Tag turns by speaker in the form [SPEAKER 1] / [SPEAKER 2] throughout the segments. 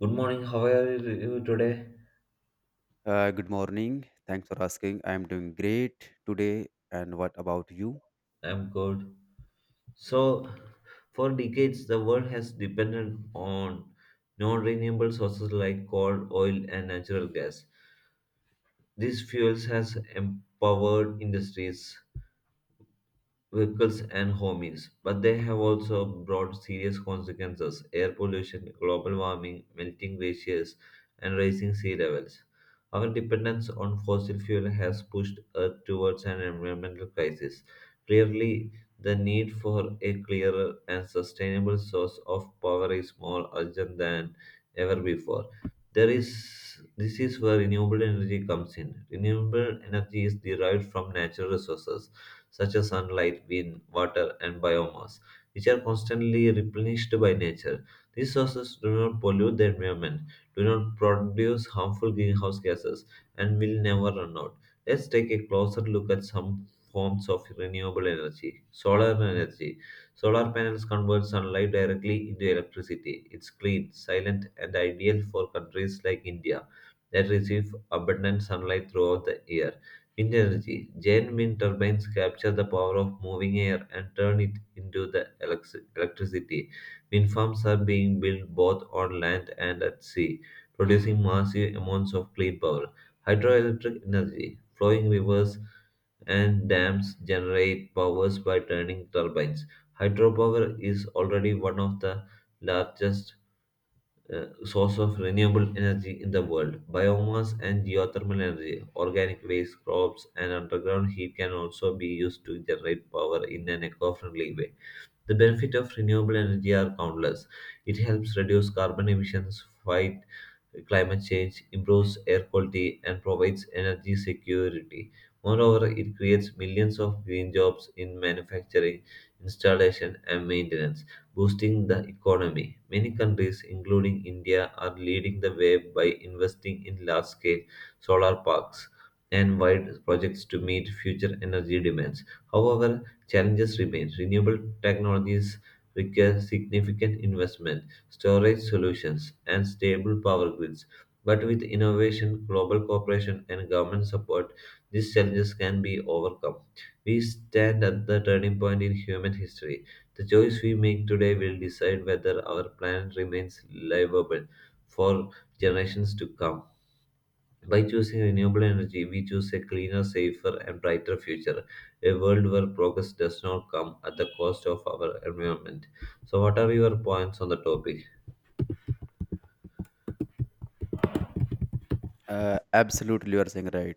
[SPEAKER 1] Good morning. How are you today?
[SPEAKER 2] Good morning. Thanks for asking. I am doing great today. And what about you?
[SPEAKER 1] I'm good. So, for decades, the world has depended on non-renewable sources like coal, oil, and natural gas. These fuels has empowered industries, vehicles and homes, but they have also brought serious consequences air pollution, global warming, melting glaciers, and rising sea levels. Our dependence on fossil fuel has pushed Earth towards an environmental crisis. Clearly, the need for a clearer and sustainable source of power is more urgent than ever before. There is This is where renewable energy comes in. Renewable energy is derived from natural resources such as sunlight, wind, water, and biomass, which are constantly replenished by nature. These sources do not pollute the environment, do not produce harmful greenhouse gases, and will never run out. Let's take a closer look at some forms of renewable energy. Solar energy. Solar panels convert sunlight directly into electricity. It's clean, silent, and ideal for countries like India that receive abundant sunlight throughout the year. Wind energy. Giant wind turbines capture the power of moving air and turn it into the electricity. Wind farms are being built both on land and at sea, producing massive amounts of clean power. Hydroelectric energy. Flowing rivers and dams generate powers by turning turbines. Hydropower is already one of the largest source of renewable energy in the world. Biomass and geothermal energy, organic waste, crops, and underground heat can also be used to generate power in an eco friendly way. The benefits of renewable energy are countless. It helps reduce carbon emissions, fight climate change, improves air quality, and provides energy security. Moreover, it creates millions of green jobs in manufacturing, installation, and maintenance, boosting the economy. Many countries, including India, are leading the way by investing in large scale solar parks and wide projects to meet future energy demands. However, challenges remain. Renewable technologies require significant investment, storage solutions, and stable power grids. But with innovation, global cooperation, and government support, these challenges can be overcome. We stand at the turning point in human history. The choice we make today will decide whether our planet remains livable for generations to come. By choosing renewable energy, we choose a cleaner, safer, and brighter future, a world where progress does not come at the cost of our environment. So, what are your points on the topic?
[SPEAKER 2] Absolutely, you are saying right.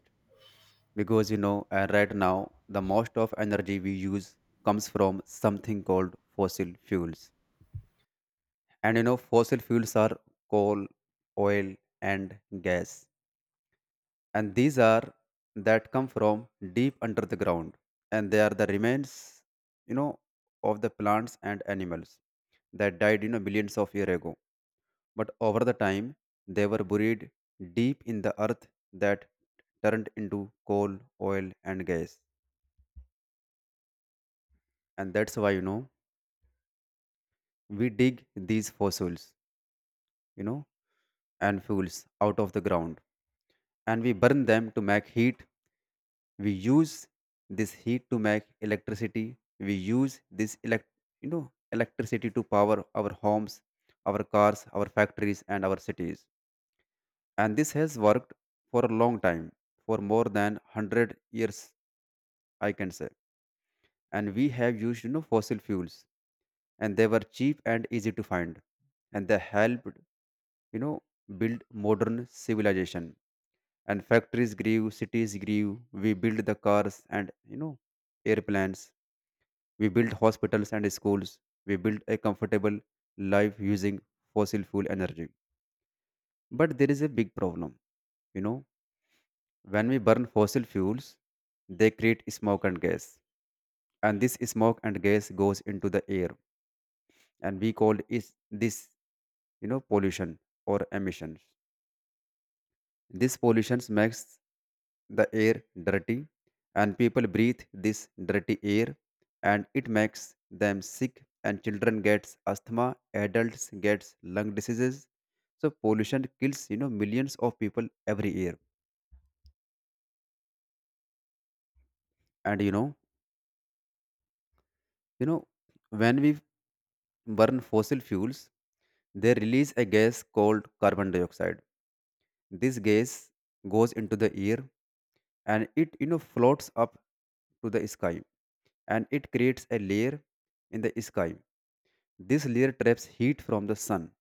[SPEAKER 2] Because right now, the most of energy we use comes from something called fossil fuels. And fossil fuels are coal, oil, and gas. And these are that come from deep under the ground. And they are the remains, you know, of the plants and animals that died, millions of years ago. But over the time, they were buried deep in the earth that turned into coal, oil, and gas. And that's why, we dig these fossils, you know, and fuels out of the ground, and we burn them to make heat. We use this heat to make electricity. We use this electricity to power our homes, our cars, our factories, and our cities, and this has worked for a long time, for more than 100 years, I can say. And we have used, fossil fuels, and they were cheap and easy to find, and they helped, you know build modern civilization. And factories grew, cities grew, we built the cars and, airplanes, we built hospitals and schools, we built a comfortable life using fossil fuel energy. But there is a big problem, you know When we burn fossil fuels, they create smoke and gas, and this smoke and gas goes into the air, and we call is this, pollution or emissions. This pollution makes the air dirty, and people breathe this dirty air, and it makes them sick. And children gets asthma, adults gets lung diseases. So pollution kills, millions of people every year. And you know, when we burn fossil fuels, they release a gas called carbon dioxide. This gas goes into the air, and it floats up to the sky, and it creates a layer in the sky. This layer traps heat from the sun,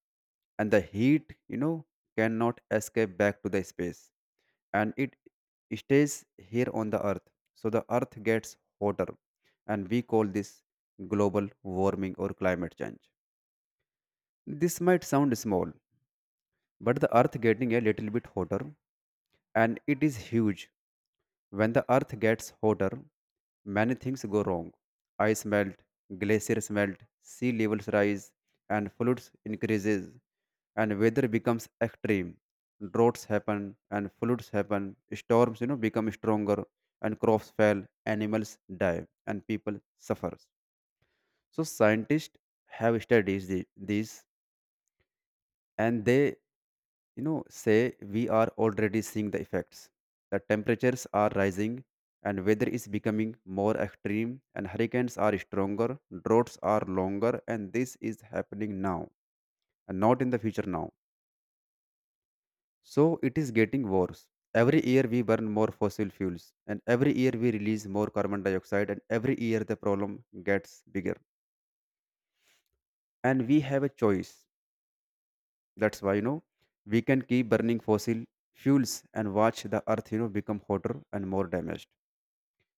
[SPEAKER 2] and the heat cannot escape back to the space, and it stays here on the earth. So the earth gets hotter, and we call this global warming or climate change. This might sound small, but the earth getting a little bit hotter, and it is huge. When the earth gets hotter, many things go wrong. Ice melt, glaciers melt, sea levels rise, and floods increases, and weather becomes extreme. Droughts happen, and floods happen, storms become stronger, and crops fail, animals die, and people suffers. So scientists have studied these, and they say we are already seeing the effects. The temperatures are rising, and weather is becoming more extreme, and hurricanes are stronger, droughts are longer, and this is happening now, and not in the future, now. So it is getting worse. Every year we burn more fossil fuels, and every year we release more carbon dioxide, and every year the problem gets bigger. And we have a choice. That's why, we can keep burning fossil fuels and watch the earth become hotter and more damaged.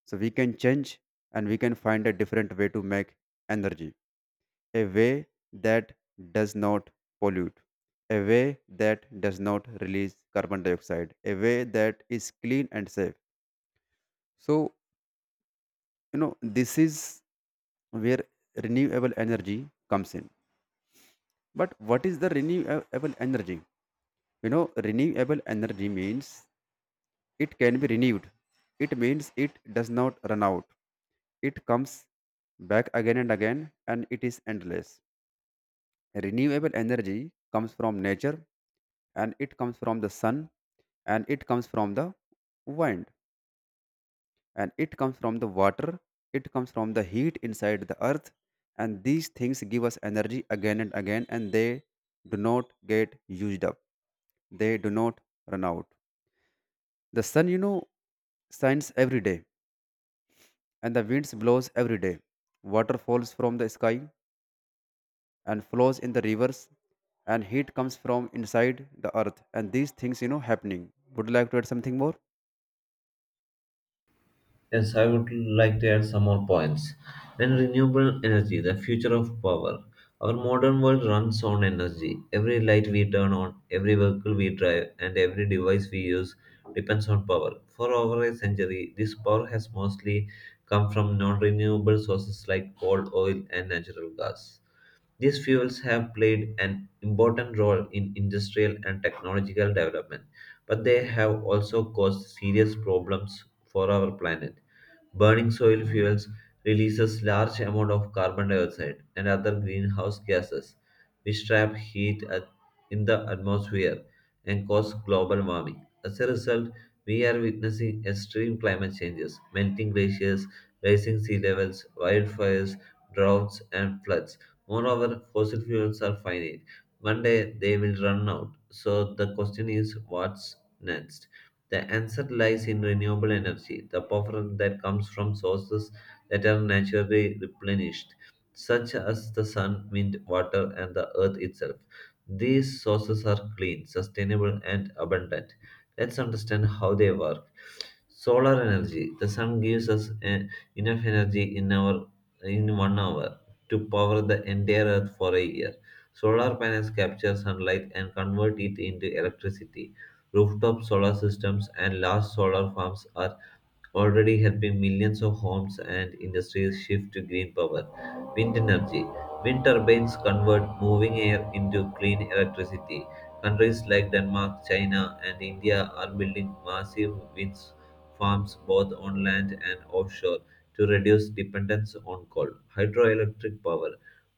[SPEAKER 2] So we can change, and we can find a different way to make energy, a way that does not pollute, a way that does not release carbon dioxide, a way that is clean and safe. So, this is where renewable energy comes in. But what is the renewable energy? Renewable energy means it can be renewed. It means it does not run out. It comes back again and again, and it is endless. Renewable energy comes from nature, and it comes from the sun, and it comes from the wind, and it comes from the water. It comes from the heat inside the earth, and these things give us energy again and again, and they do not get used up. They do not run out. The sun, shines every day, and the winds blows every day. Water falls from the sky and flows in the rivers, and heat comes from inside the earth. And these things, happening. Would you like to add something more?
[SPEAKER 1] Yes, I would like to add some more points. Then renewable energy, the future of power. Our modern world runs on energy. Every light we turn on, every vehicle we drive, and every device we use depends on power. For over a century, this power has mostly come from non renewable sources like coal, oil, and natural gas. These fuels have played an important role in industrial and technological development, but they have also caused serious problems for our planet. Burning soil fuels releases large amount of carbon dioxide and other greenhouse gases, which in the atmosphere and cause global warming. As a result, we are witnessing extreme climate changes, melting glaciers, rising sea levels, wildfires, droughts, and floods. Moreover, fossil fuels are finite. One day they will run out. So the question is what's next? The answer lies in renewable energy, the power that comes from sources that are naturally replenished, such as the sun, wind, water, and the earth itself. These sources are clean, sustainable, and abundant. Let's understand how they work. Solar energy. The sun gives us enough energy in 1 hour to power the entire earth for a year. Solar panels capture sunlight and convert it into electricity. Rooftop solar systems and large solar farms are already helping millions of homes and industries shift to green power. Wind energy. Wind turbines convert moving air into clean electricity. Countries like Denmark, China, and India are building massive wind farms both on land and offshore to reduce dependence on coal. Hydroelectric power.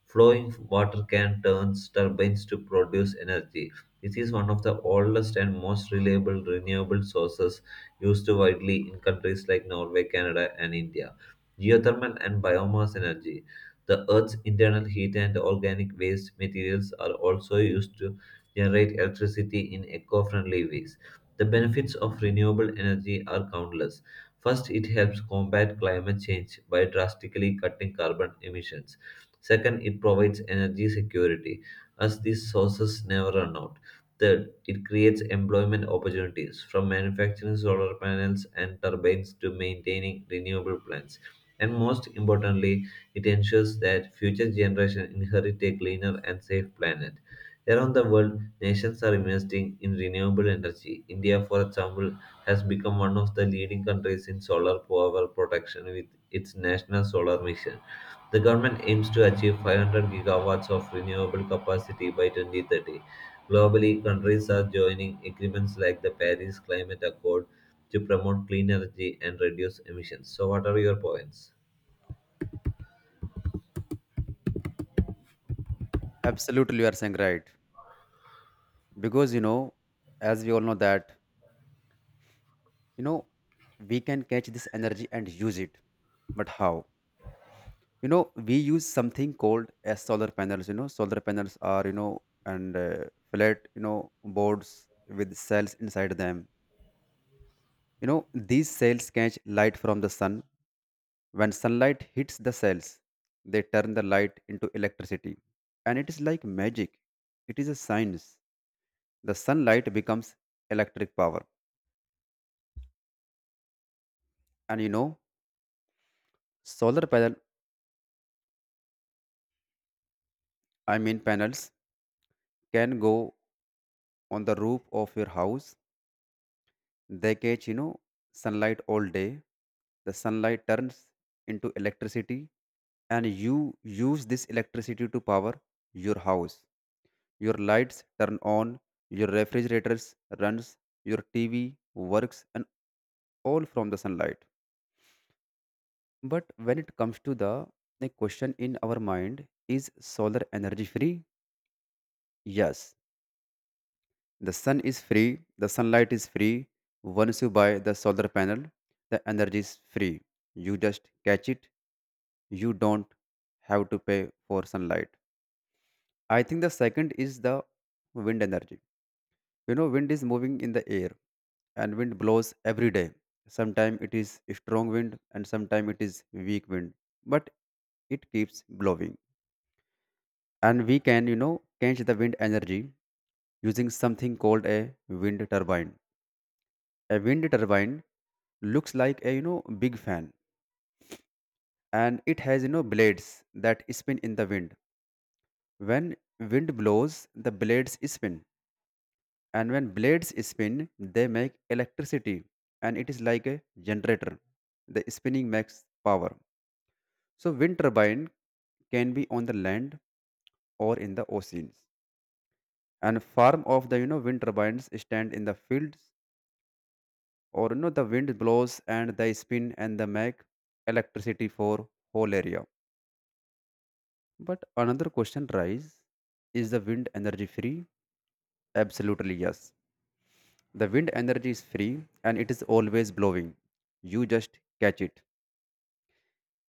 [SPEAKER 1] Flowing water can turn turbines to produce energy. This is one of the oldest and most reliable renewable sources used widely in countries like Norway, Canada, and India. Geothermal and biomass energy. The Earth's internal heat and organic waste materials are also used to generate electricity in eco friendly ways. The benefits of renewable energy are countless. First, it helps combat climate change by drastically cutting carbon emissions. Second, it provides energy security as these sources never run out. Third, it creates employment opportunities from manufacturing solar panels and turbines to maintaining renewable plants. And most importantly, it ensures that future generations inherit a cleaner and safe planet. Around the world, nations are investing in renewable energy. India, for example, has become one of the leading countries in solar power production with its national solar mission. The government aims to achieve 500 gigawatts of renewable capacity by 2030. Globally, countries are joining agreements like the Paris Climate Accord to promote clean energy and reduce emissions. So, what are your points?
[SPEAKER 2] Absolutely, you are saying right. Because as we all know that, you know, we can catch this energy and use it. But how? We use something called as solar panels. You know, solar panels are you know and flat boards with cells inside them. You know, these cells catch light from the sun. When sunlight hits the cells, they turn the light into electricity. And it is like magic. It is a science. The sunlight becomes electric power. And you know, solar panel, I mean panels, can go on the roof of your house. They catch, sunlight all day. The sunlight turns into electricity, and you use this electricity to power your house. Your lights turn on, your refrigerators runs, your TV works, and all from the sunlight. But when it comes to the question in our mind, is solar energy free? Yes, the sun is free, the sunlight is free. Once you buy the solar panel, the energy is free. You just catch it, you don't have to pay for sunlight. I think the second is the wind energy. You know, wind is moving in the air, and wind blows every day. Sometimes it is strong wind, and sometimes it is weak wind, but it keeps blowing. And we can, change the wind energy using something called a wind turbine. A wind turbine looks like a big fan, and it has blades that spin in the wind. When wind blows, the blades spin, and when blades spin, they make electricity. And it is like a generator. The spinning makes power. So wind turbine can be on the land or in the oceans, and farm of the wind turbines stand in the fields, or the wind blows and they spin and they make electricity for whole area. But another question rise, is the wind energy free? Absolutely, yes. The wind energy is free, and it is always blowing. You just catch it.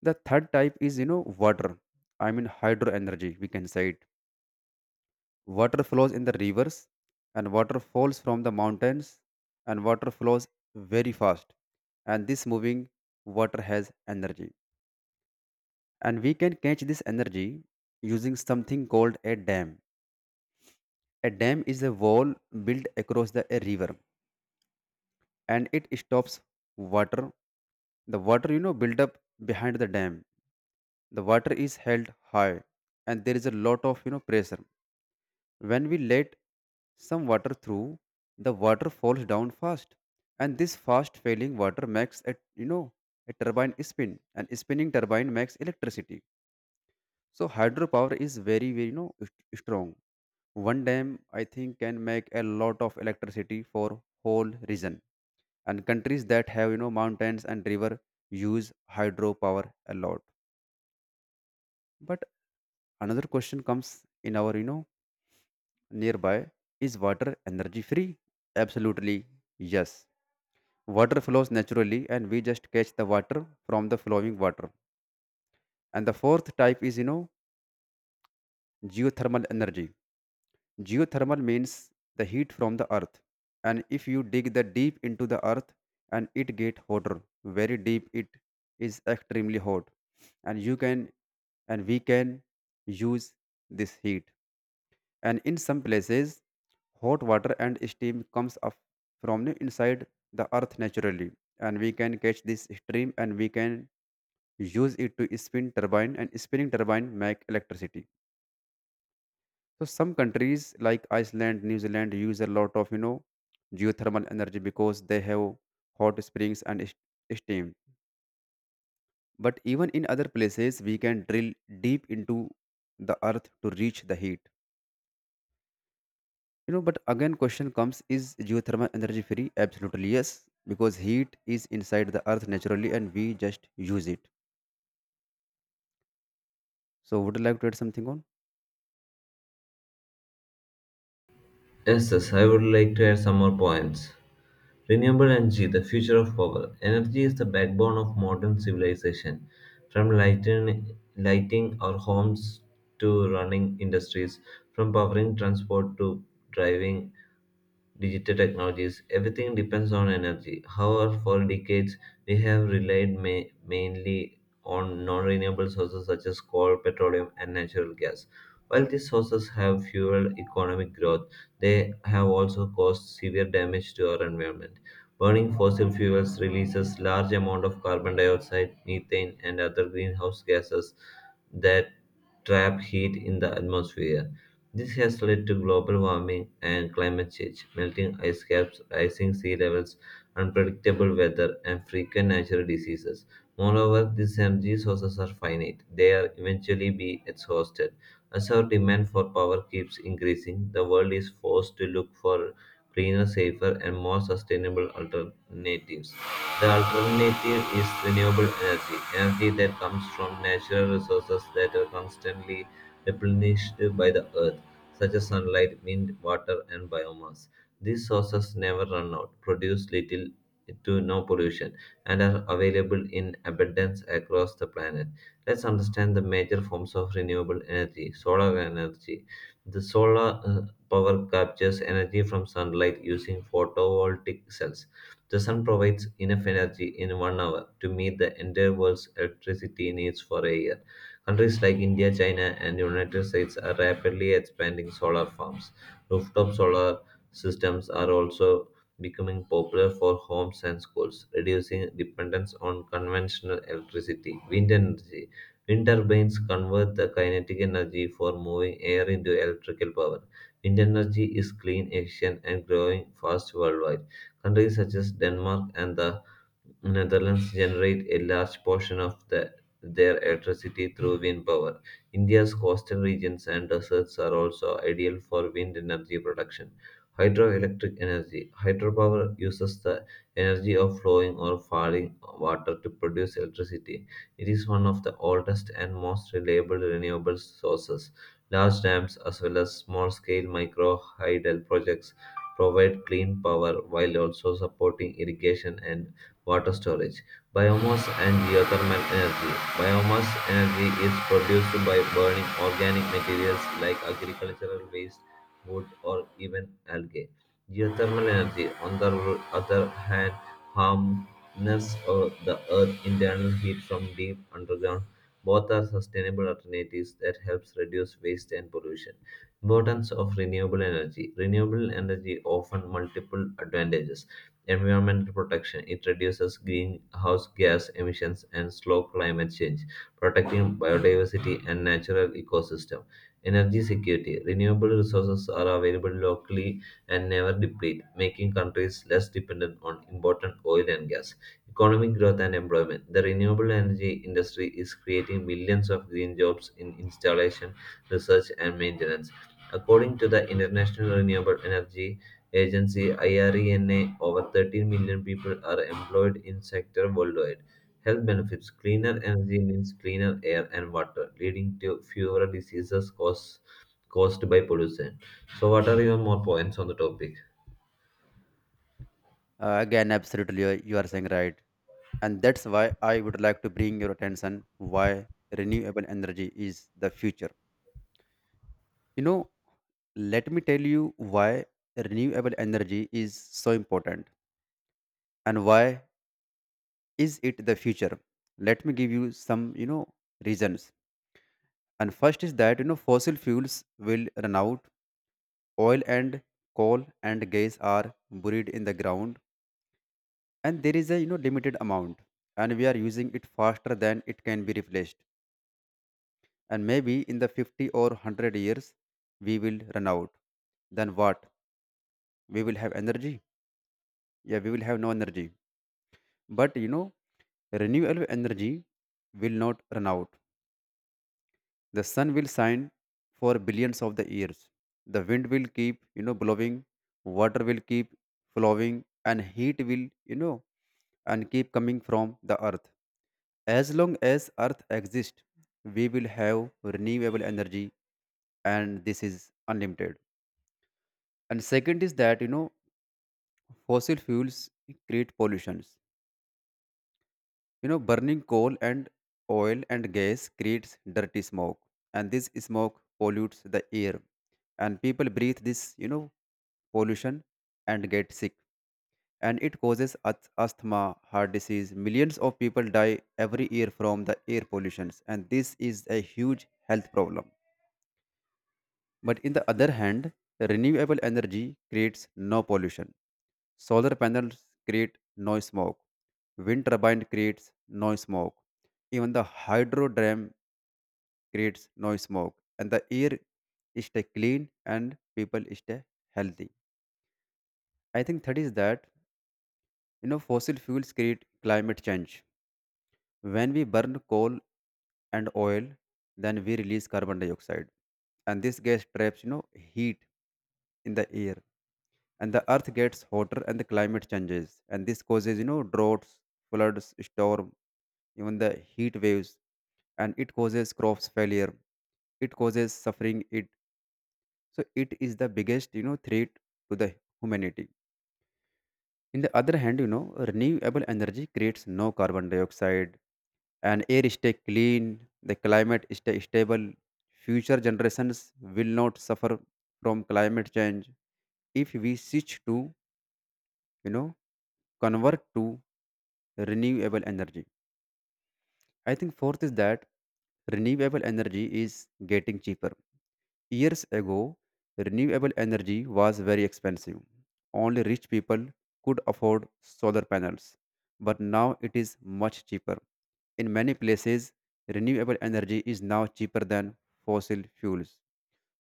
[SPEAKER 2] The third type is, water. I mean, hydro energy, we can say it. Water flows in the rivers, and water falls from the mountains, and water flows very fast. And this moving water has energy. And we can catch this energy using something called a dam. A dam is a wall built across the a river, and it stops water. The water, build up behind the dam. The water is held high, and there is a lot of, pressure. When we let some water through, the water falls down fast, and this fast failing water makes a a turbine spin, and spinning turbine makes electricity. So hydropower is very, very strong. One dam, I think, can make a lot of electricity for whole region. And countries that have mountains and river use hydropower a lot. But another question comes in our nearby. Is water energy free? Absolutely, yes. Water flows naturally, and we just catch the water from the flowing water. And the fourth type is, geothermal energy. Geothermal means the heat from the earth. And if you dig the deep into the earth, and it get hotter, very deep, it is extremely hot, and you can and we can use this heat. And in some places, hot water and steam comes up from the inside the earth naturally, and we can catch this stream, and we can use it to spin turbine, and spinning turbine make electricity. So some countries like Iceland, New Zealand use a lot of geothermal energy, because they have hot springs and steam. But even in other places we can drill deep into the earth to reach the heat. But again, question comes: is geothermal energy free? Absolutely yes, because heat is inside the earth naturally, and we just use it. So, would you like to add something on?
[SPEAKER 1] Yes, I would like to add some more points. Renewable energy, the future of power. Energy is the backbone of modern civilization. From lighting our homes to running industries, from powering transport to driving digital technologies, everything depends on energy. However, for decades, we have relied mainly on non renewable sources such as coal, petroleum, and natural gas. While these sources have fueled economic growth, they have also caused severe damage to our environment. Burning fossil fuels releases large amount of carbon dioxide, methane, and other greenhouse gases that trap heat in the atmosphere. This has led to global warming and climate change, melting ice caps, rising sea levels, unpredictable weather, and frequent natural diseases. Moreover, these energy sources are finite. They are eventually be exhausted. As our demand for power keeps increasing, the world is forced to look for cleaner, safer, and more sustainable alternatives. The alternative is renewable energy, energy that comes from natural resources that are constantly replenished by the earth such as sunlight, wind, water, and biomass. These sources never run out, produce little to no pollution, and are available in abundance across the planet. Let's understand the major forms of renewable energy. Solar energy. The solar power captures energy from sunlight using photovoltaic cells. The sun provides enough energy in 1 hour to meet the entire world's electricity needs for a year. Countries like India, China, and the United States are rapidly expanding solar farms. Rooftop solar systems are also becoming popular for homes and schools, reducing dependence on conventional electricity. Wind energy. Wind turbines convert the kinetic energy for moving air into electrical power. Wind energy is clean, efficient, and growing fast worldwide. Countries such as Denmark and the Netherlands generate a large portion of their electricity through wind power. India's coastal regions and deserts are also ideal for wind energy production. Hydroelectric energy. Hydropower uses the energy of flowing or falling water to produce electricity. It is one of the oldest and most reliable renewable sources. Large dams, as well as small scale micro hydel projects, provide clean power while also supporting irrigation and water storage. Biomass and geothermal energy. Biomass energy is produced by burning organic materials like agricultural waste, wood, or even algae. Geothermal energy, on the other hand, harnesses the earth's internal heat from deep underground. Both are sustainable alternatives that helps reduce waste and pollution. Importance of renewable energy. Renewable energy often multiple advantages. Environmental protection. It reduces greenhouse gas emissions and slow climate change, protecting biodiversity and natural ecosystem. Energy security. Renewable resources are available locally and never deplete, making countries less dependent on imported oil and gas. Economic growth and employment. The renewable energy industry is creating millions of green jobs in installation, research, and maintenance. According to the International Renewable Energy agency IRENA, over 13 million people are employed in sector worldwide. Health benefits: cleaner energy means cleaner air and water, leading to fewer diseases caused by pollution. So, what are your more points on the topic?
[SPEAKER 2] Again, absolutely, you are saying right, and that's why I would like to bring your attention why renewable energy is the future. You know, let me tell you why renewable energy is so important and why is it the future. Let me give you some, reasons. And first is that fossil fuels will run out. Oil and coal and gas are buried in the ground, and there is a limited amount, and we are using it faster than it can be replaced. And maybe in the 50 or 100 years, we will run out. Then what? We will have energy? Yeah, we will have no energy. But renewable energy will not run out. The sun will shine for billions of the years. The wind will keep, blowing. Water will keep flowing, and heat will, you know, and keep coming from the earth. As long as earth exists, we will have renewable energy, and this is unlimited. And second is that fossil fuels create pollution. Burning coal and oil and gas creates dirty smoke, and this smoke pollutes the air. And people breathe this pollution and get sick. And it causes asthma, heart disease. Millions of people die every year from the air pollutions, and this is a huge health problem. But in the other hand, renewable energy creates no pollution. Solar panels create no smoke. Wind turbine creates no smoke. Even the hydro dam creates no smoke. And the air stay clean and people stay healthy. I think that is that fossil fuels create climate change. When we burn coal and oil, then we release carbon dioxide. And this gas traps, heat in the air, and the earth gets hotter, and the climate changes, and this causes, droughts, floods, storm, even the heat waves. And it causes crops failure, it causes suffering, it, so it is the biggest threat to the humanity. In the other hand, renewable energy creates no carbon dioxide, and air stay clean, the climate stay stable, future generations will not suffer from climate change if we switch to, you know convert to renewable energy. I think fourth is that renewable energy is getting cheaper. Years ago, renewable energy was very expensive. Only rich people could afford solar panels. But now it is much cheaper. In many places, renewable energy is now cheaper than fossil fuels.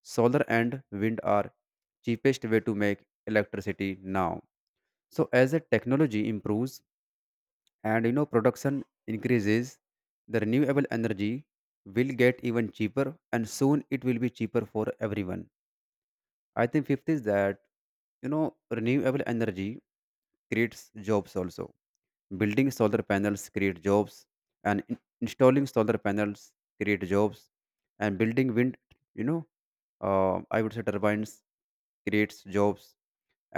[SPEAKER 2] Solar and wind are cheapest way to make electricity now. So as the technology improves, and production increases, the renewable energy will get even cheaper, and soon it will be cheaper for everyone. I think fifth is that renewable energy creates jobs also. Building solar panels create jobs, and installing solar panels create jobs, and building wind, you know I would say turbines creates jobs,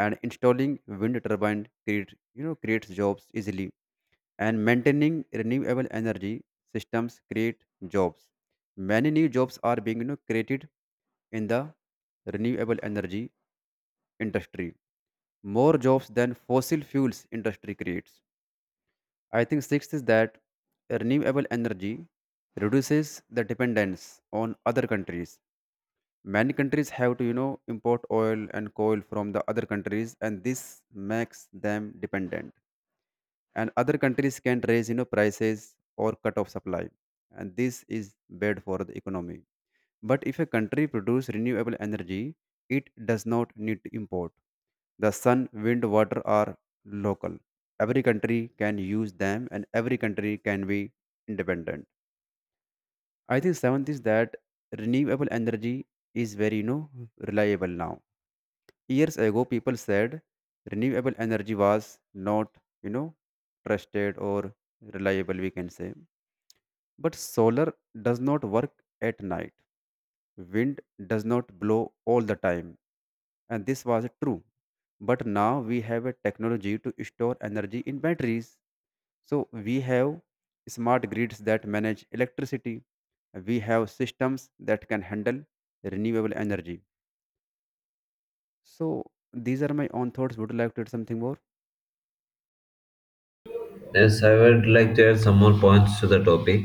[SPEAKER 2] and installing wind turbine creates jobs easily, and maintaining renewable energy systems create jobs. Many new jobs are being, created in the renewable energy industry, more jobs than fossil fuels industry creates. I think sixth is that renewable energy reduces the dependence on other countries. Many countries have to import oil and coal from the other countries, and this makes them dependent, and other countries can raise prices or cut off supply, and this is bad for the economy. But if a country produce renewable energy, it does not need to import. The sun, wind, water are local. Every country can use them, and every country can be independent. I think seventh is that renewable energy is very reliable now. Years ago, people said renewable energy was not, you know, trusted or reliable, we can say. But solar does not work at night. Wind does not blow all the time. And this was true. But now we have a technology to store energy in batteries. So we have smart grids that manage electricity. We have systems that can handle renewable energy. So these are my own thoughts. Would you like to add something more?
[SPEAKER 1] Yes, I would like to add some more points to the topic.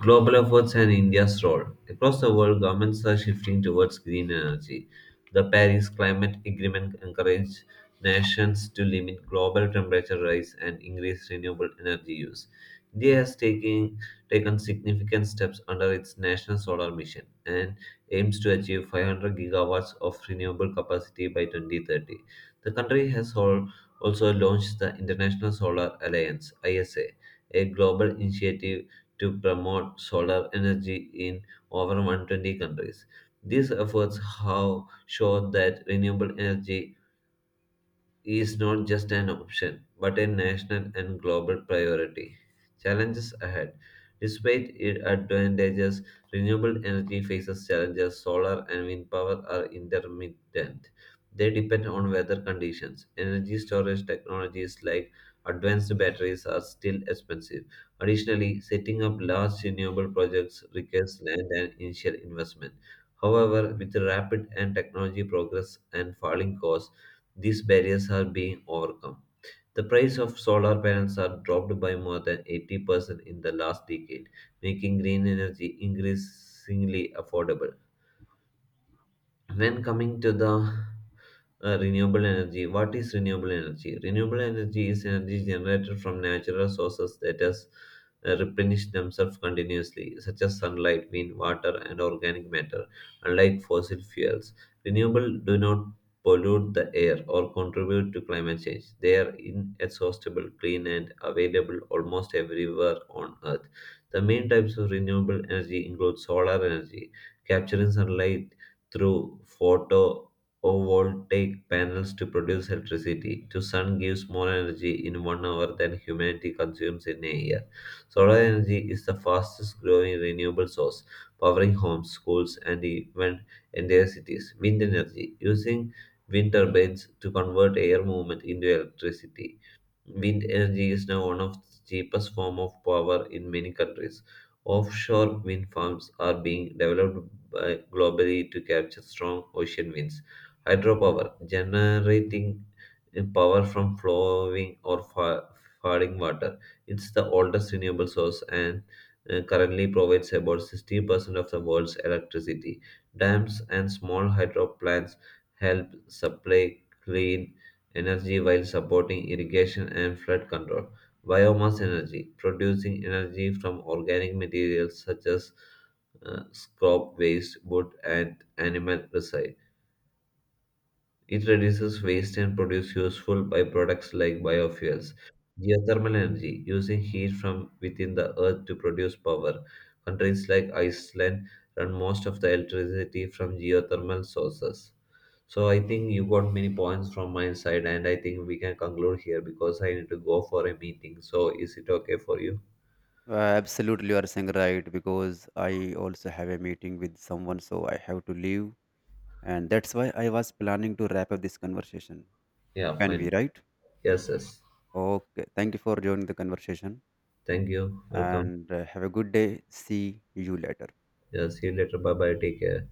[SPEAKER 1] Global efforts and India's role. Across the world, governments are shifting towards green energy. The Paris Climate Agreement encouraged nations to limit global temperature rise and increase renewable energy use. India has taken significant steps under its national solar mission and aims to achieve 500 gigawatts of renewable capacity by 2030. The country has also launched the International Solar Alliance (ISA), a global initiative to promote solar energy in over 120 countries. These efforts have shown that renewable energy is not just an option, but a national and global priority. Challenges ahead. Despite its advantages, renewable energy faces challenges. Solar and wind power are intermittent. They depend on weather conditions. Energy storage technologies like advanced batteries are still expensive. Additionally, setting up large renewable projects requires land and initial investment. However, with rapid and technology progress and falling costs, these barriers are being overcome. The price of solar panels are dropped by more than 80% in the last decade, making green energy increasingly affordable. When coming to the renewable energy, what is renewable energy? Renewable energy is energy generated from natural sources that has replenish themselves continuously, such as sunlight, wind, water, and organic matter. Unlike fossil fuels, renewable do not pollute the air or contribute to climate change. They are inexhaustible, clean, and available almost everywhere on Earth. The main types of renewable energy include solar energy, capturing sunlight through photovoltaic panels to produce electricity. The sun gives more energy in 1 hour than humanity consumes in a year. Solar energy is the fastest growing renewable source, powering homes, schools, and even entire cities. Wind energy, using wind turbines to convert air movement into electricity. Wind energy is now one of the cheapest form of power in many countries. Offshore wind farms are being globally to capture strong ocean winds. Hydropower, generating power from flowing or falling water. It's the oldest renewable source and currently provides about 60% of the world's electricity. Dams and small hydro plants help supply clean energy while supporting irrigation and flood control. Biomass energy, producing energy from organic materials such as scrap waste, wood, and animal recycling. It reduces waste and produces useful byproducts like biofuels. Geothermal energy, using heat from within the earth to produce power. Countries like Iceland run most of the electricity from geothermal sources. So I think you got many points from my side, and I think we can conclude here because I need to go for a meeting. So is it okay for you?
[SPEAKER 2] Absolutely, you are saying right because I also have a meeting with someone, so I have to leave, and that's why I was planning to wrap up this conversation.
[SPEAKER 1] Yeah,
[SPEAKER 2] Can we,
[SPEAKER 1] fine.
[SPEAKER 2] right?
[SPEAKER 1] Yes, yes.
[SPEAKER 2] Okay, thank you for joining the conversation
[SPEAKER 1] Thank you. Welcome.
[SPEAKER 2] and have a good day. See you later.
[SPEAKER 1] Yeah, see you later. Bye bye. Take care.